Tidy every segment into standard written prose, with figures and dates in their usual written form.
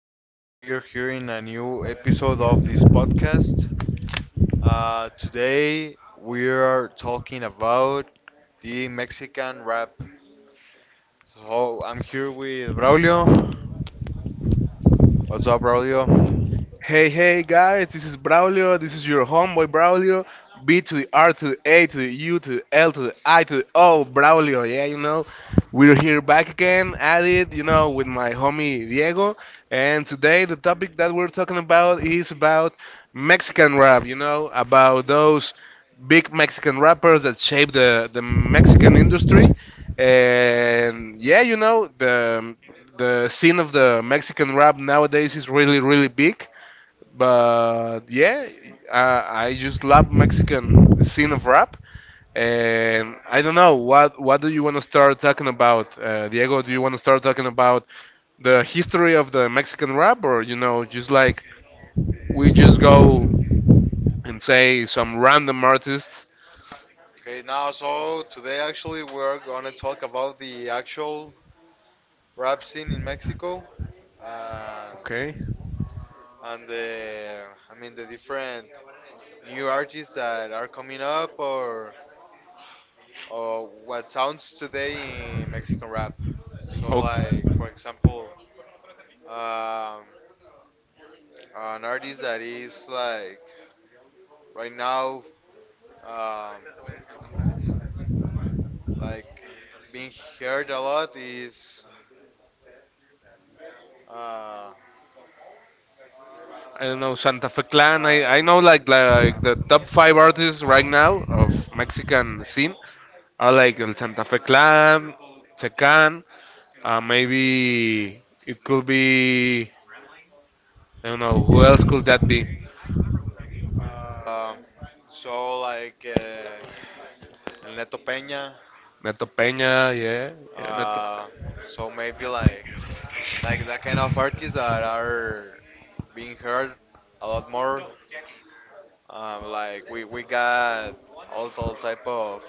people. We're here in a new episode of this podcast. Today, we are talking about the Mexican rap. So, I'm here with Braulio. What's up, Braulio? Hey, hey guys, this is Braulio. This is your homeboy Braulio. B to the R to the A to the U to the L to the I to the O, Braulio. Yeah, you know, we're here back again at it, you know, with my homie Diego. And today the topic that we're talking about is about Mexican rap, you know, about those big Mexican rappers that shape the Mexican industry. And yeah, you know, the scene of the Mexican rap nowadays is really, really big. But yeah, I just love Mexican scene of rap. And I don't know what do you want to start talking about, Diego? Do you want to start talking about the history of the Mexican rap, or you know, just like we just go and say some random artists? Okay, now, so today actually we're gonna talk about the actual rap scene in Mexico, uh, Okay. and I mean, the different new artists that are coming up or what sounds today in Mexican rap. So Oh, like for example, um, an artist that is like right now, um, like being heard a lot is uh, uh, I don't know Santa Fe Clan. Clan. I know like the top five artists right now of Mexican scene are like El Santa Fe Clan, Tecan. Maybe it could be. I don't know. Who else could that be? Um, so like, El Neto Peña. Neto Peña, yeah, yeah, Neto. Uh, so maybe like that kind of artists that are being heard a lot more. Like we got all type of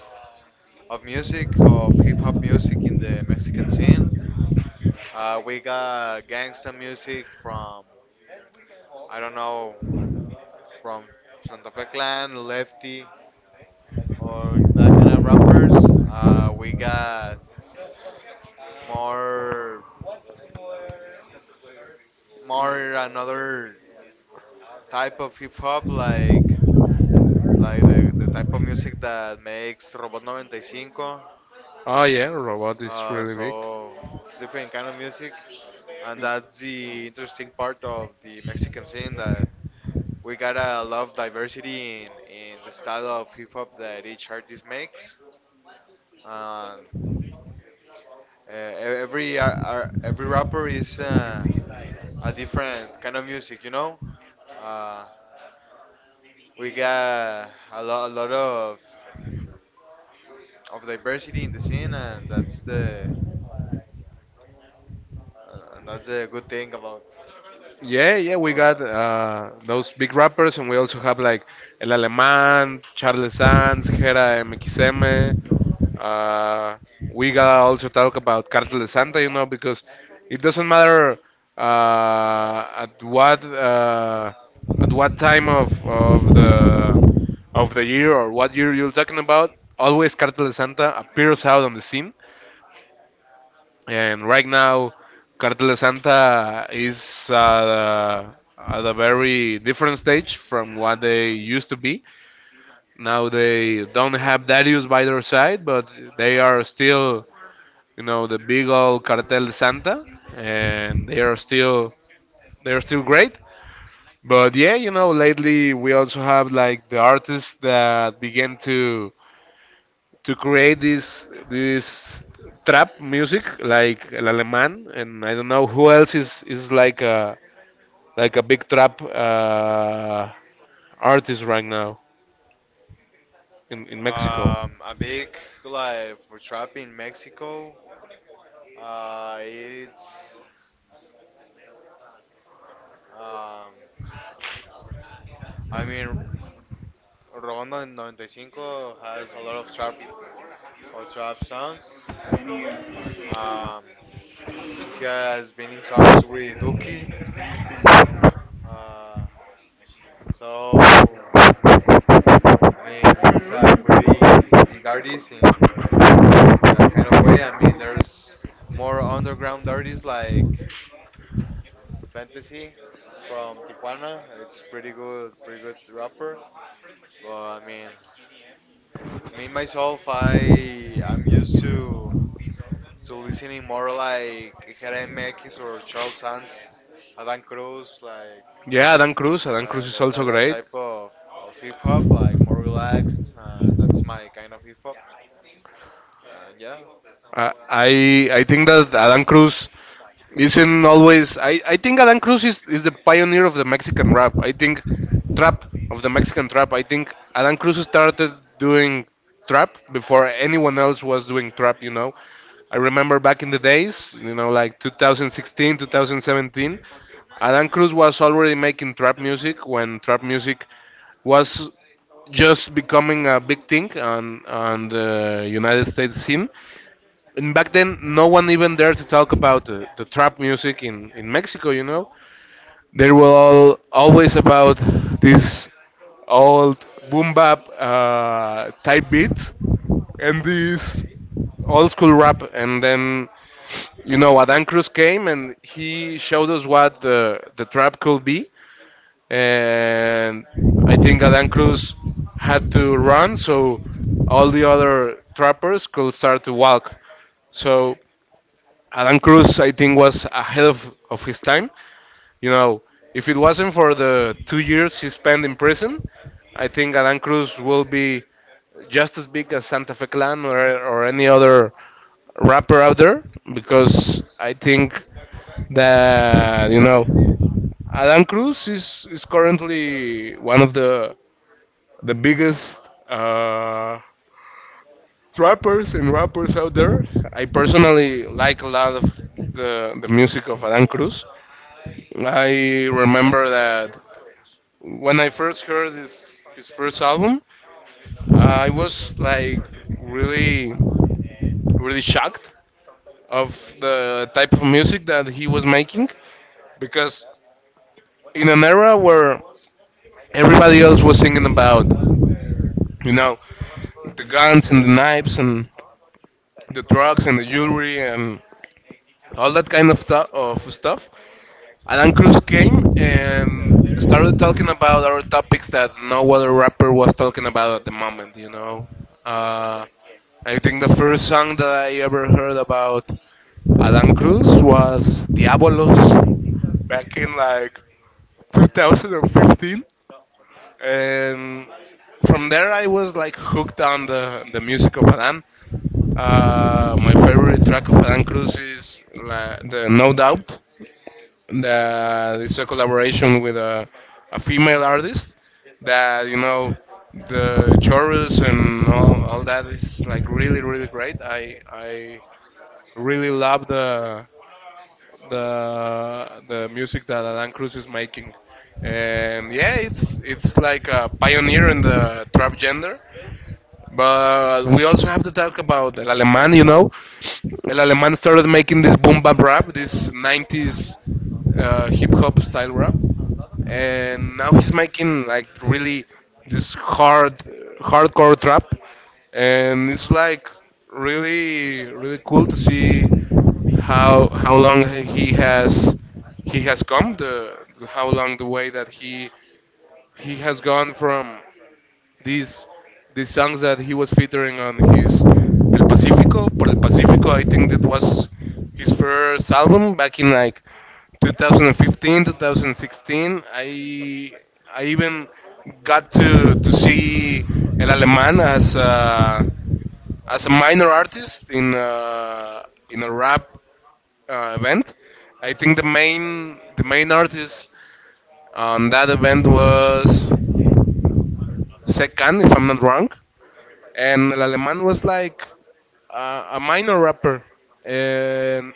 of music, of hip hop music in the Mexican scene. We got gangsta music from, I don't know, from Santa Fe Clan, Lefty, or that kind of rappers. We got more more another type of hip hop like the type of music that makes Robot 95. Oh yeah, robot is really So it's different kind of music, and that's the interesting part of the big. Mexican scene that we got a lot of diversity in the style of hip hop that each artist makes. And every rapper is, a different kind of music. Uh, we got a lot of diversity in the scene, and that's a good thing about Yeah, yeah, we all got that. Those big rappers, and we also have like El Alemán, Charles Sanz, Gera MXM. We gotta also talk about Cartel de Santa, you know, because it doesn't matter at what time of, of the year or what year you're talking about. Always Cartel de Santa appears out on the scene, and right now, Cartel de Santa is at a very different stage from what they used to be. Now they don't have Darius by their side, but they are still, you know, the big old Cartel de Santa, and they are still great. But yeah, you know, lately we also have like the artists that began to create this trap music like El Alemán, and I don't know who else is like a big trap artist right now in Mexico. A big, like, for trap in Mexico. It's um, I mean, Ronda 95 has a lot of trap or trap songs. Um, he has been in songs with Duki. Uh, so I mean, it's a pretty big artist in that kind of way. I mean, there's more underground artists like Fantasy from Tijuana. It's pretty good, pretty good rapper. But I mean, me myself, I'm used to listening more like Jerem Mekis or Charles Sands, Adam Cruz, like Yeah, Adam Cruz. Adam Cruz like is that, also that, that great. type of hip hop, like more relaxed. That's my kind of hip hop. Uh, yeah, I I I think that Adam Cruz isn't always. I think Adan Cruz is the pioneer of the Mexican rap. I think trap of the Mexican trap. I think Adan Cruz started doing trap before anyone else was doing trap. You know, I remember back in the days. You know, like 2016, 2017. Adan Cruz was already making trap music when trap music was just becoming a big thing on the United States scene, and back then no one even dared to talk about the trap music in Mexico, you know. They were all always about this old boom bap type beats and this old school rap, and then you know Adan Cruz came and he showed us what the trap could be, and I think Adan Cruz had to run so all the other trappers could start to walk. So Adam Cruz, I think, was ahead of his time. You know, if it wasn't for the 2 years he spent in prison, I think Adam Cruz will be just as big as Santa Fe Clan, or any other rapper out there, because I think that, you know, Adam Cruz is currently one of the biggest rappers and rappers out there. I personally like a lot of the music of Adam Cruz. I remember that when I first heard his first album, I was like really really shocked of the type of music that he was making, because in an era where everybody else was singing about, you know, the guns and the knives and the drugs and the jewelry and all that kind of, of stuff, Alan Cruz came and started talking about our topics that no other rapper was talking about at the moment, you know. Uh, I think the first song that I ever heard about Alan Cruz was Diabolos back in like 2015. And from there, I was like hooked on the music of Alan. My favorite track of Alan Cruz is like, the No Doubt, that it's a collaboration with a female artist, that, you know, the chorus and all that is like really really great. I really love the music that Alan Cruz is making, and yeah, it's like a pioneer in the trap gender, but we also have to talk about El Alemán, you know. El Alemán started making this boom bap rap, this 90s hip hop style rap. And now he's making like really this hard, hardcore trap. And it's like really, really cool to see how long he has come the how long the way that he has gone from these these songs that he was featuring on his El Pacifico por El Pacifico. I think that was his first album back in like 2015, 2016. I even got to see El Alemán as a minor artist in a rap event. I think the main artist on that event was Sekan, if I'm not wrong, and El Alemán was like a minor rapper, and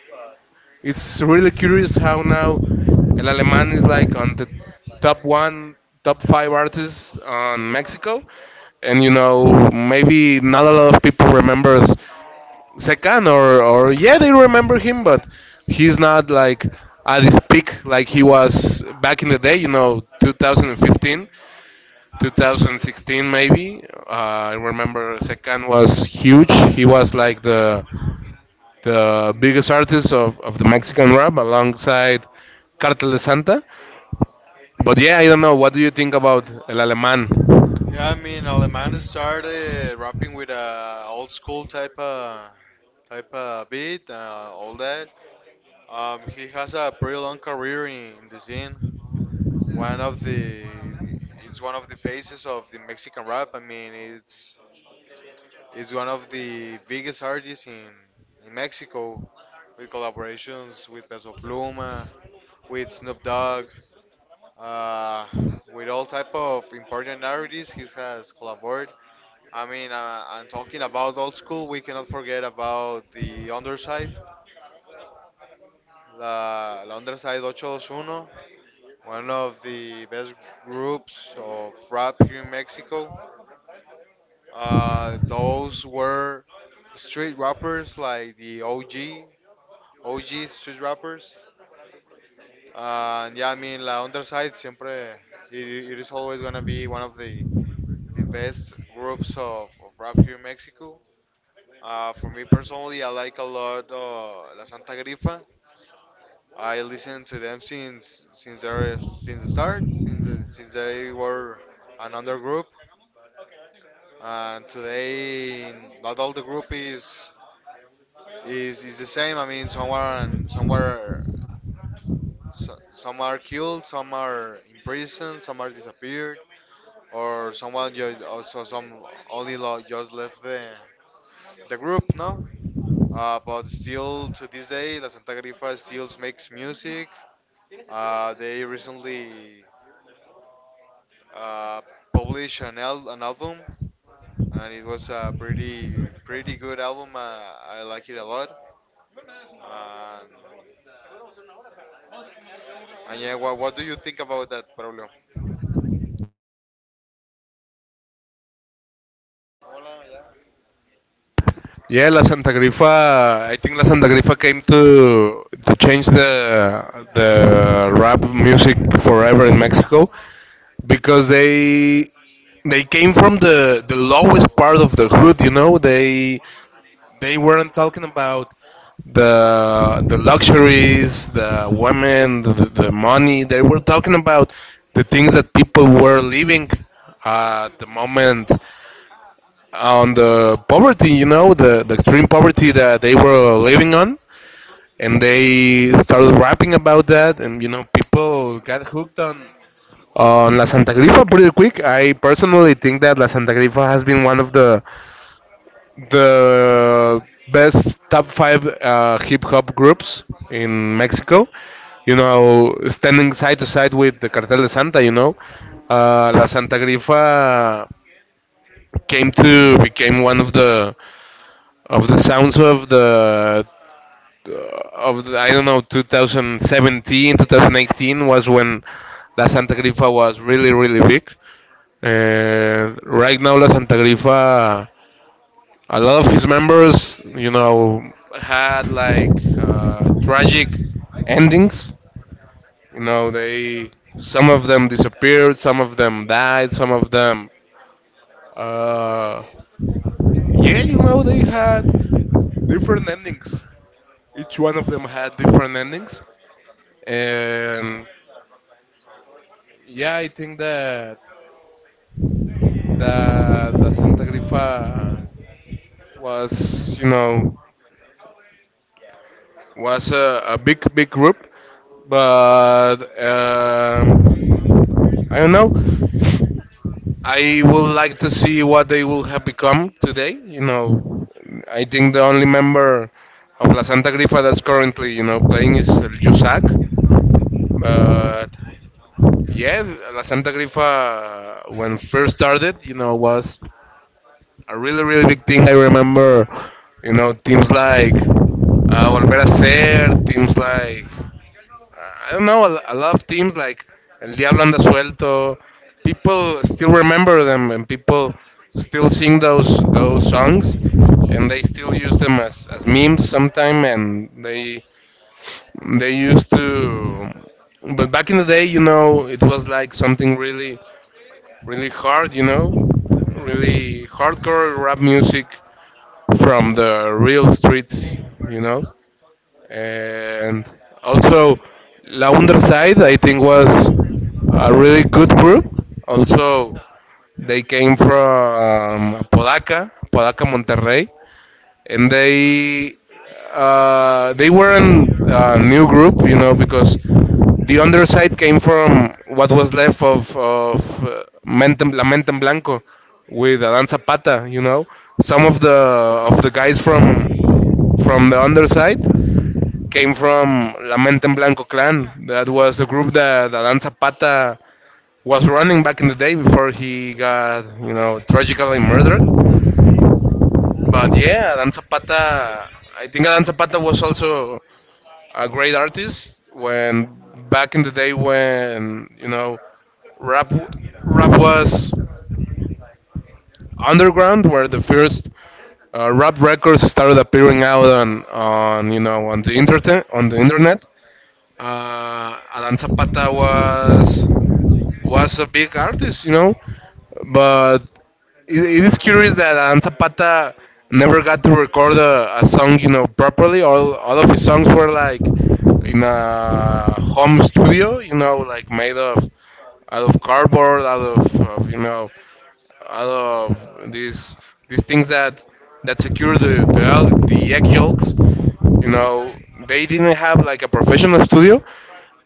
it's really curious how now El Alemán is like on the top one, top five artists on Mexico, and you know maybe not a lot of people remembers Secan, or yeah, they remember him, but he's not like at his peak like he was back in the day, you know, 2015 2016 maybe. I remember Secan was huge. He was like the biggest artist of the Mexican rap alongside Cartel de Santa. But yeah, I don't know. What do you think about El Alemán? Yeah, I mean, Alemán started rapping with a old school type of beat, all that. He has a pretty long career in the scene. One of the It's one of the faces of the Mexican rap. I mean, it's one of the biggest artists in Mexico with collaborations with Peso Pluma, with Snoop Dogg. Uh, with all type of important narratives he has collaborated. I mean, I'm talking about old school. We cannot forget about the underside, la underside 821, one of the best groups of rap here in Mexico. Those were street rappers like the OG, OG street rappers. And yeah, I mean, la Underside siempre it, it is always gonna be one of the best groups of rap here in Mexico. For me personally, I like a lot, La Santa Grifa. I listened to them since the start, since they were another group, and today not all the group is the same. I mean, some are killed, some are in prison, some are disappeared. Or someone just also some only lo- just left the group, no? But still to this day, La Santa Grifa still makes music. They recently, uh, published an album, and it was a pretty pretty good album. I like it a lot. And, and yeah, what do you think about that, Pablo? Yeah, La Santa Grifa. I think La Santa Grifa came to change the rap music forever in Mexico, because they came from the lowest part of the hood. You know, they weren't talking about the luxuries, the women, the money. They were talking about the things that people were living at the moment on the poverty, you know, the extreme poverty that they were living on. And they started rapping about that, and you know, people got hooked on La Santa Grifa pretty quick. I personally think that La Santa Grifa has been one of the best top five hip hop groups in Mexico. You know, standing side to side with the Cartel de Santa. You know, La Santa Grifa came to became one of the sounds of the, I don't know, 2017 2018 was when La Santa Grifa was really really big. And right now La Santa Grifa, a lot of his members, you know, had like tragic endings. You know, they some of them disappeared, some of them died, some of them, uh, yeah, you know, they had different endings. Each one of them had different endings, and yeah, I think that the Santa Grifa was, you know, was a big, big group, but I don't know. I would like to see what they will have become today. You know, I think the only member of La Santa Grifa that's currently, you know, playing is Yusak. But yeah, La Santa Grifa when first started, you know, was a really really big thing. I remember, you know, teams like Volver a Ser, teams like I don't know, a lot of teams like El Diablo Anda Suelto, people still remember them and people still sing those songs and they still use them as memes sometime, and they used to but back in the day, you know, it was like something really really hard, you know, really hardcore rap music from the real streets, you know. And also La Underside, I think, was a really good group. Also they came from Podaca, Podaca Monterrey, and they weren't a new group, you know, because the underside came from what was left of La Mentem Blanco with Adan Zapata, you know. Some of the guys from the underside came from La Mente en Blanco clan. That was a group that Alan Zapata was running back in the day before he got, you know, tragically murdered. But yeah, Alan Zapata, I think Alan Zapata was also a great artist when, back in the day when, you know, rap rap was underground, where the first rap records started appearing out on you know on the internet on the internet. Alan Zapata was a big artist, you know. But it is curious that Alan Zapata never got to record a song, you know, properly. All of his songs were like in a home studio, you know, like made of out of cardboard, out of, of out of these things that secure the egg yolks. You know, they didn't have like a professional studio,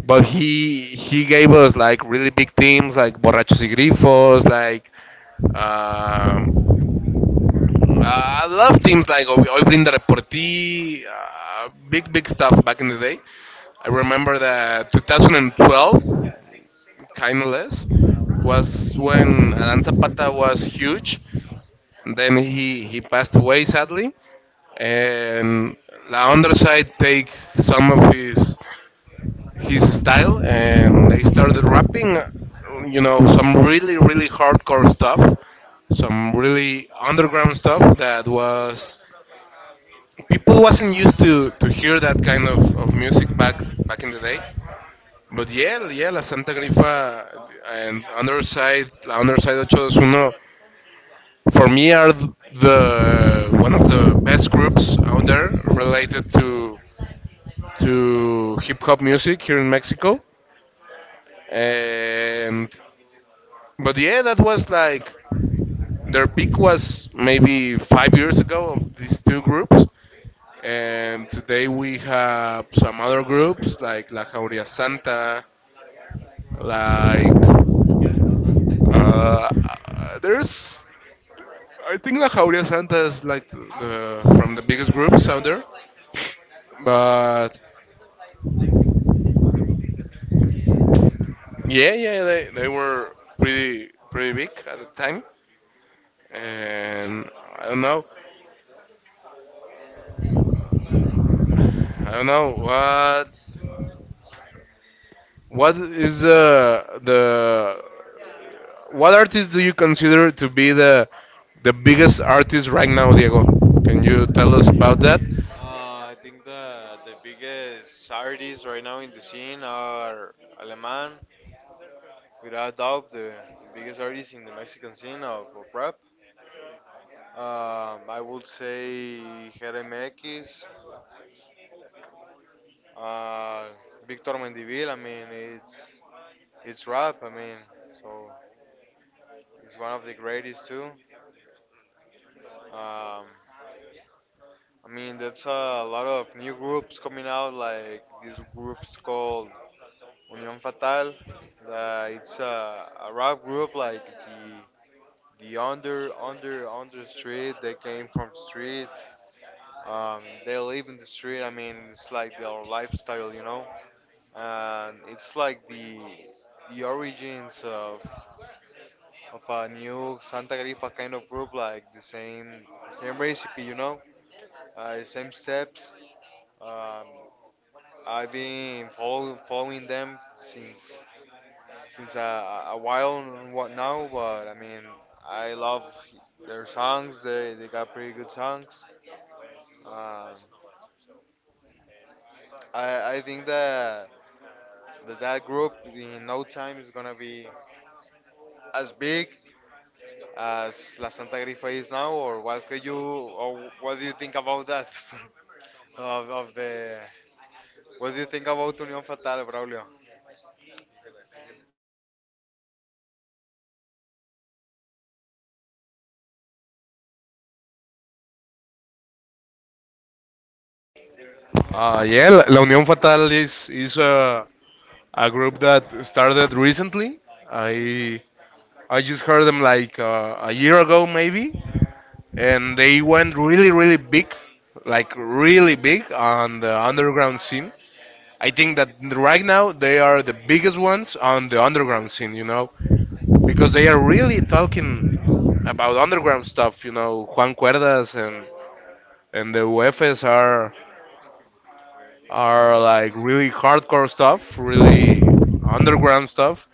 but he gave us like really big themes like Borrachos y Grifos, like um, I love teams like Oiblinda Reportí, big, big stuff back in the day. I remember that 2012, kind of less, was when Alan Zapata was huge. And then he passed away, sadly. And La Underside take some of his style and they started rapping you know, some really really hardcore stuff, some really underground stuff that was people wasn't used to hear that kind of music back in the day. But yeah, yeah, la santa grifa and underside, la underside 821 for me are the one of the best groups out there related to hip hop music here in Mexico. And but yeah, that was like their peak was maybe 5 years ago of these two groups. And today we have some other groups like La Jauría Santa, like uh, there's I think La Jauría Santa is like the from the biggest groups out there. But yeah, yeah, they were pretty pretty big at the time. And I don't know, I don't know what what is the what artist do you consider to be the biggest artist right now, Diego? Can you tell us about that? I think the biggest artists right now in the scene are Aleman. Without doubt, the biggest artist in the Mexican scene of rap. I would say Jeremekis, uh, Victor Mendivil. I mean, it's rap. I mean, so it's one of the greatest too. Um, I mean, that's a lot of new groups coming out, like this group's called Union Fatal. It's a rap group, like the under street. They came from street. They live in the street. I mean, it's like their lifestyle, and it's like the origins of a new Santa Grifa kind of group, like the same same recipe, same steps. Um, I've been following them since a while and what now, but I mean, I love their songs. They got pretty good songs. Um, I think that group in no time is gonna be as big as La Santa Grifa is now, or what do you think about that? of, of the, what do you think about Unión Fatal, Braulio? Yeah, La Unión Fatal is a group that started recently. I I just heard them like a year ago maybe, and they went really really big, like really big on the underground scene. I think that right now they are the biggest ones on the underground scene, you know, because they are really talking about underground stuff, you know, Juan Cuerdas and the UFs are like really hardcore stuff, really underground stuff.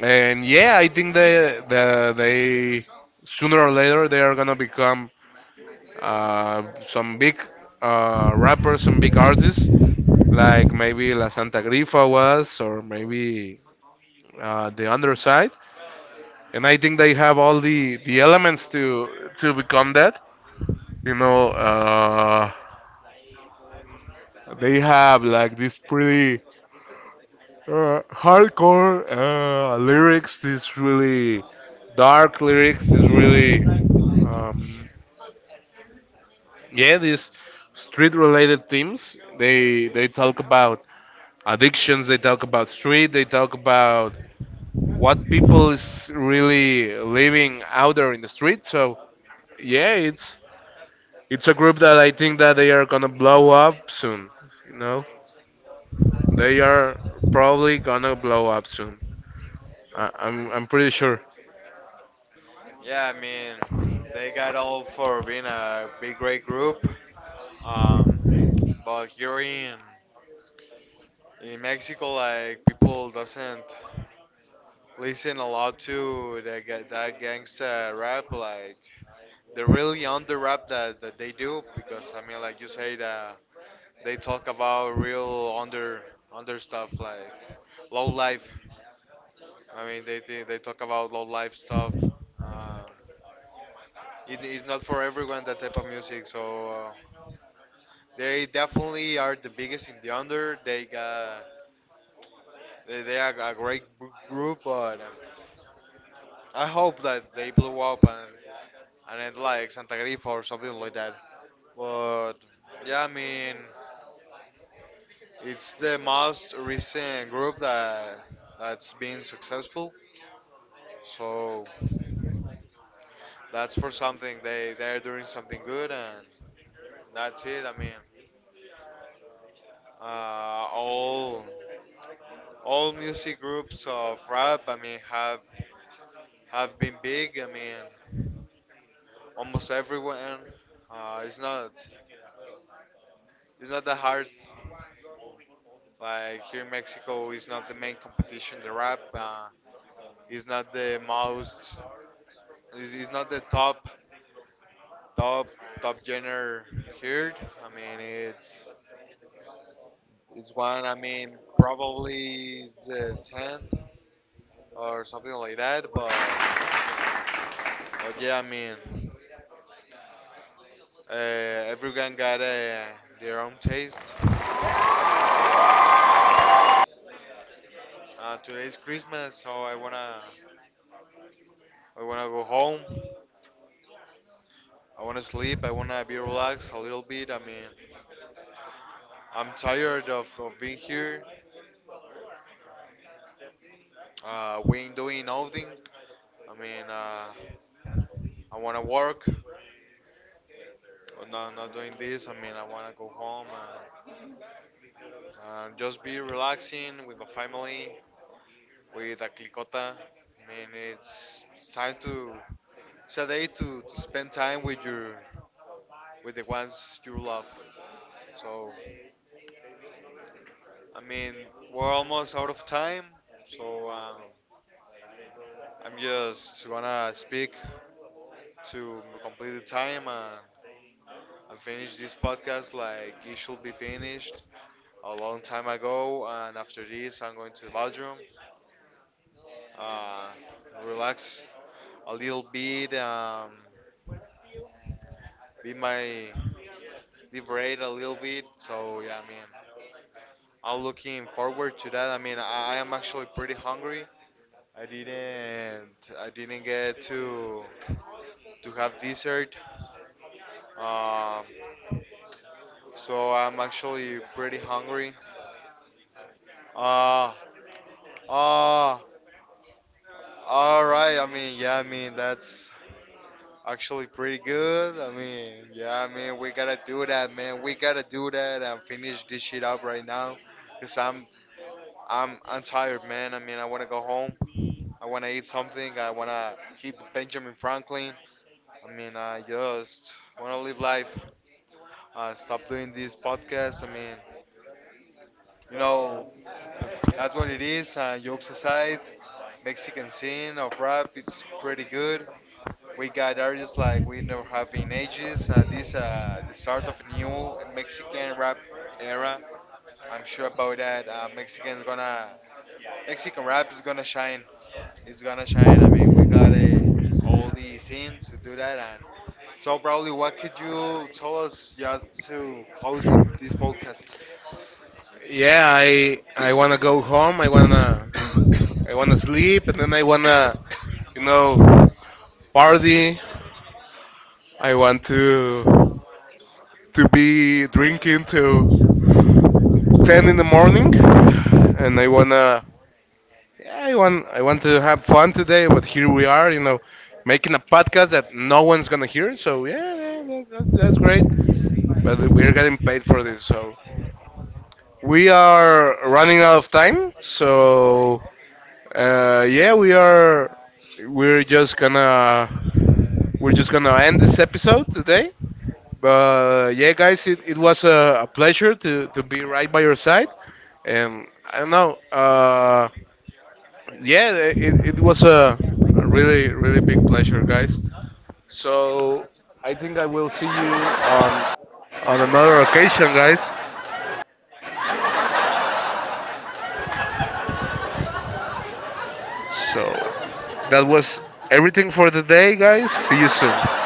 And yeah, I think they sooner or later they are gonna become some big rappers, some big artists like maybe La Santa Grifa was, or maybe the underside, and I think they have all the elements to become that. You know, they have like this pretty hardcore lyrics, this really dark lyrics, this really yeah, these street-related themes. They talk about addictions, they talk about street, they talk about what people is really living out there in the street. So yeah, it's a group that I think that they are gonna blow up soon. You know, they are probably gonna blow up soon. I'm pretty sure. Yeah, I mean, they got all for being a big, great group. Um, but here in Mexico, like people doesn't listen a lot to that gangsta rap, like the really under rap that they do, because I mean, like you say that they talk about real under stuff like low life. I mean, they talk about low life stuff. Uh, it's not for everyone that type of music, so, they definitely are the biggest in the under. They are a great group, but. I hope that they blew up and it like Santa Grifa or something like that. But yeah, I mean, it's the most recent group that's been successful. So that's for something they're doing something good and that's it. I mean, uh, all all music groups of rap, I mean, have been big. I mean, almost everyone. Uh, it's not it's not that hard. Like here in Mexico, is not the main competition. The rap, is not the most. Is not the top, top, top genre here. I mean, it's one. I mean, probably the tenth or something like that. But yeah, I mean, everyone got, their own taste. Uh, Today's Christmas, so I wanna go home. I want to sleep. I want to be relaxed a little bit. I mean, I'm tired of being here. We ain't doing nothing. I mean, I want to work. I'm not doing this. I mean, I want to go home, and, and just be relaxing with my family, with a clicota. I mean, it's it's a day to spend time with with the ones you love. So, I mean, we're almost out of time. So, I'm just wanna speak to complete the time and finish this podcast like it should be finished a long time ago. And after this, I'm going to the bathroom, uh, relax a little bit, be my liberate a little bit. So yeah, I mean, I'm looking forward to that. I mean, I am actually pretty hungry. I didn't I didn't get to have dessert. Um, so I'm actually pretty hungry. Uh, uh, all right. I mean, yeah, I mean, that's actually pretty good. I mean, yeah, I mean, we gotta do that, man. We gotta do that and finish this shit up right now. Cause I'm tired, man. I mean, I wanna go home. I wanna eat something. I wanna hit Benjamin Franklin. I mean, I just wanna live life. Stop doing this podcast. I mean, you know, that's what it is. Jokes aside, Mexican scene of rap, it's pretty good. We got artists like we never have in ages. This The start of a new Mexican rap era. I'm sure about that. Mexican rap is gonna shine. It's gonna shine. I mean, we got all the scene to do that. And so, probably, what could you tell us just to close it, this podcast? Yeah, I wanna go home. I wanna sleep, and then I wanna, you know, party. I want to be drinking till ten in the morning, and I wanna yeah, I want to have fun today, but here we are, you know, making a podcast that no one's gonna hear. So yeah, yeah, that's great. But we're getting paid for this, so we are running out of time. So yeah, we're just gonna end this episode today. But yeah, guys, it was a pleasure to be right by your side, and I don't know. Yeah, it was a really, really big pleasure, guys. So I think I will see you on another occasion, guys. So that was everything for the day, guys. See you soon.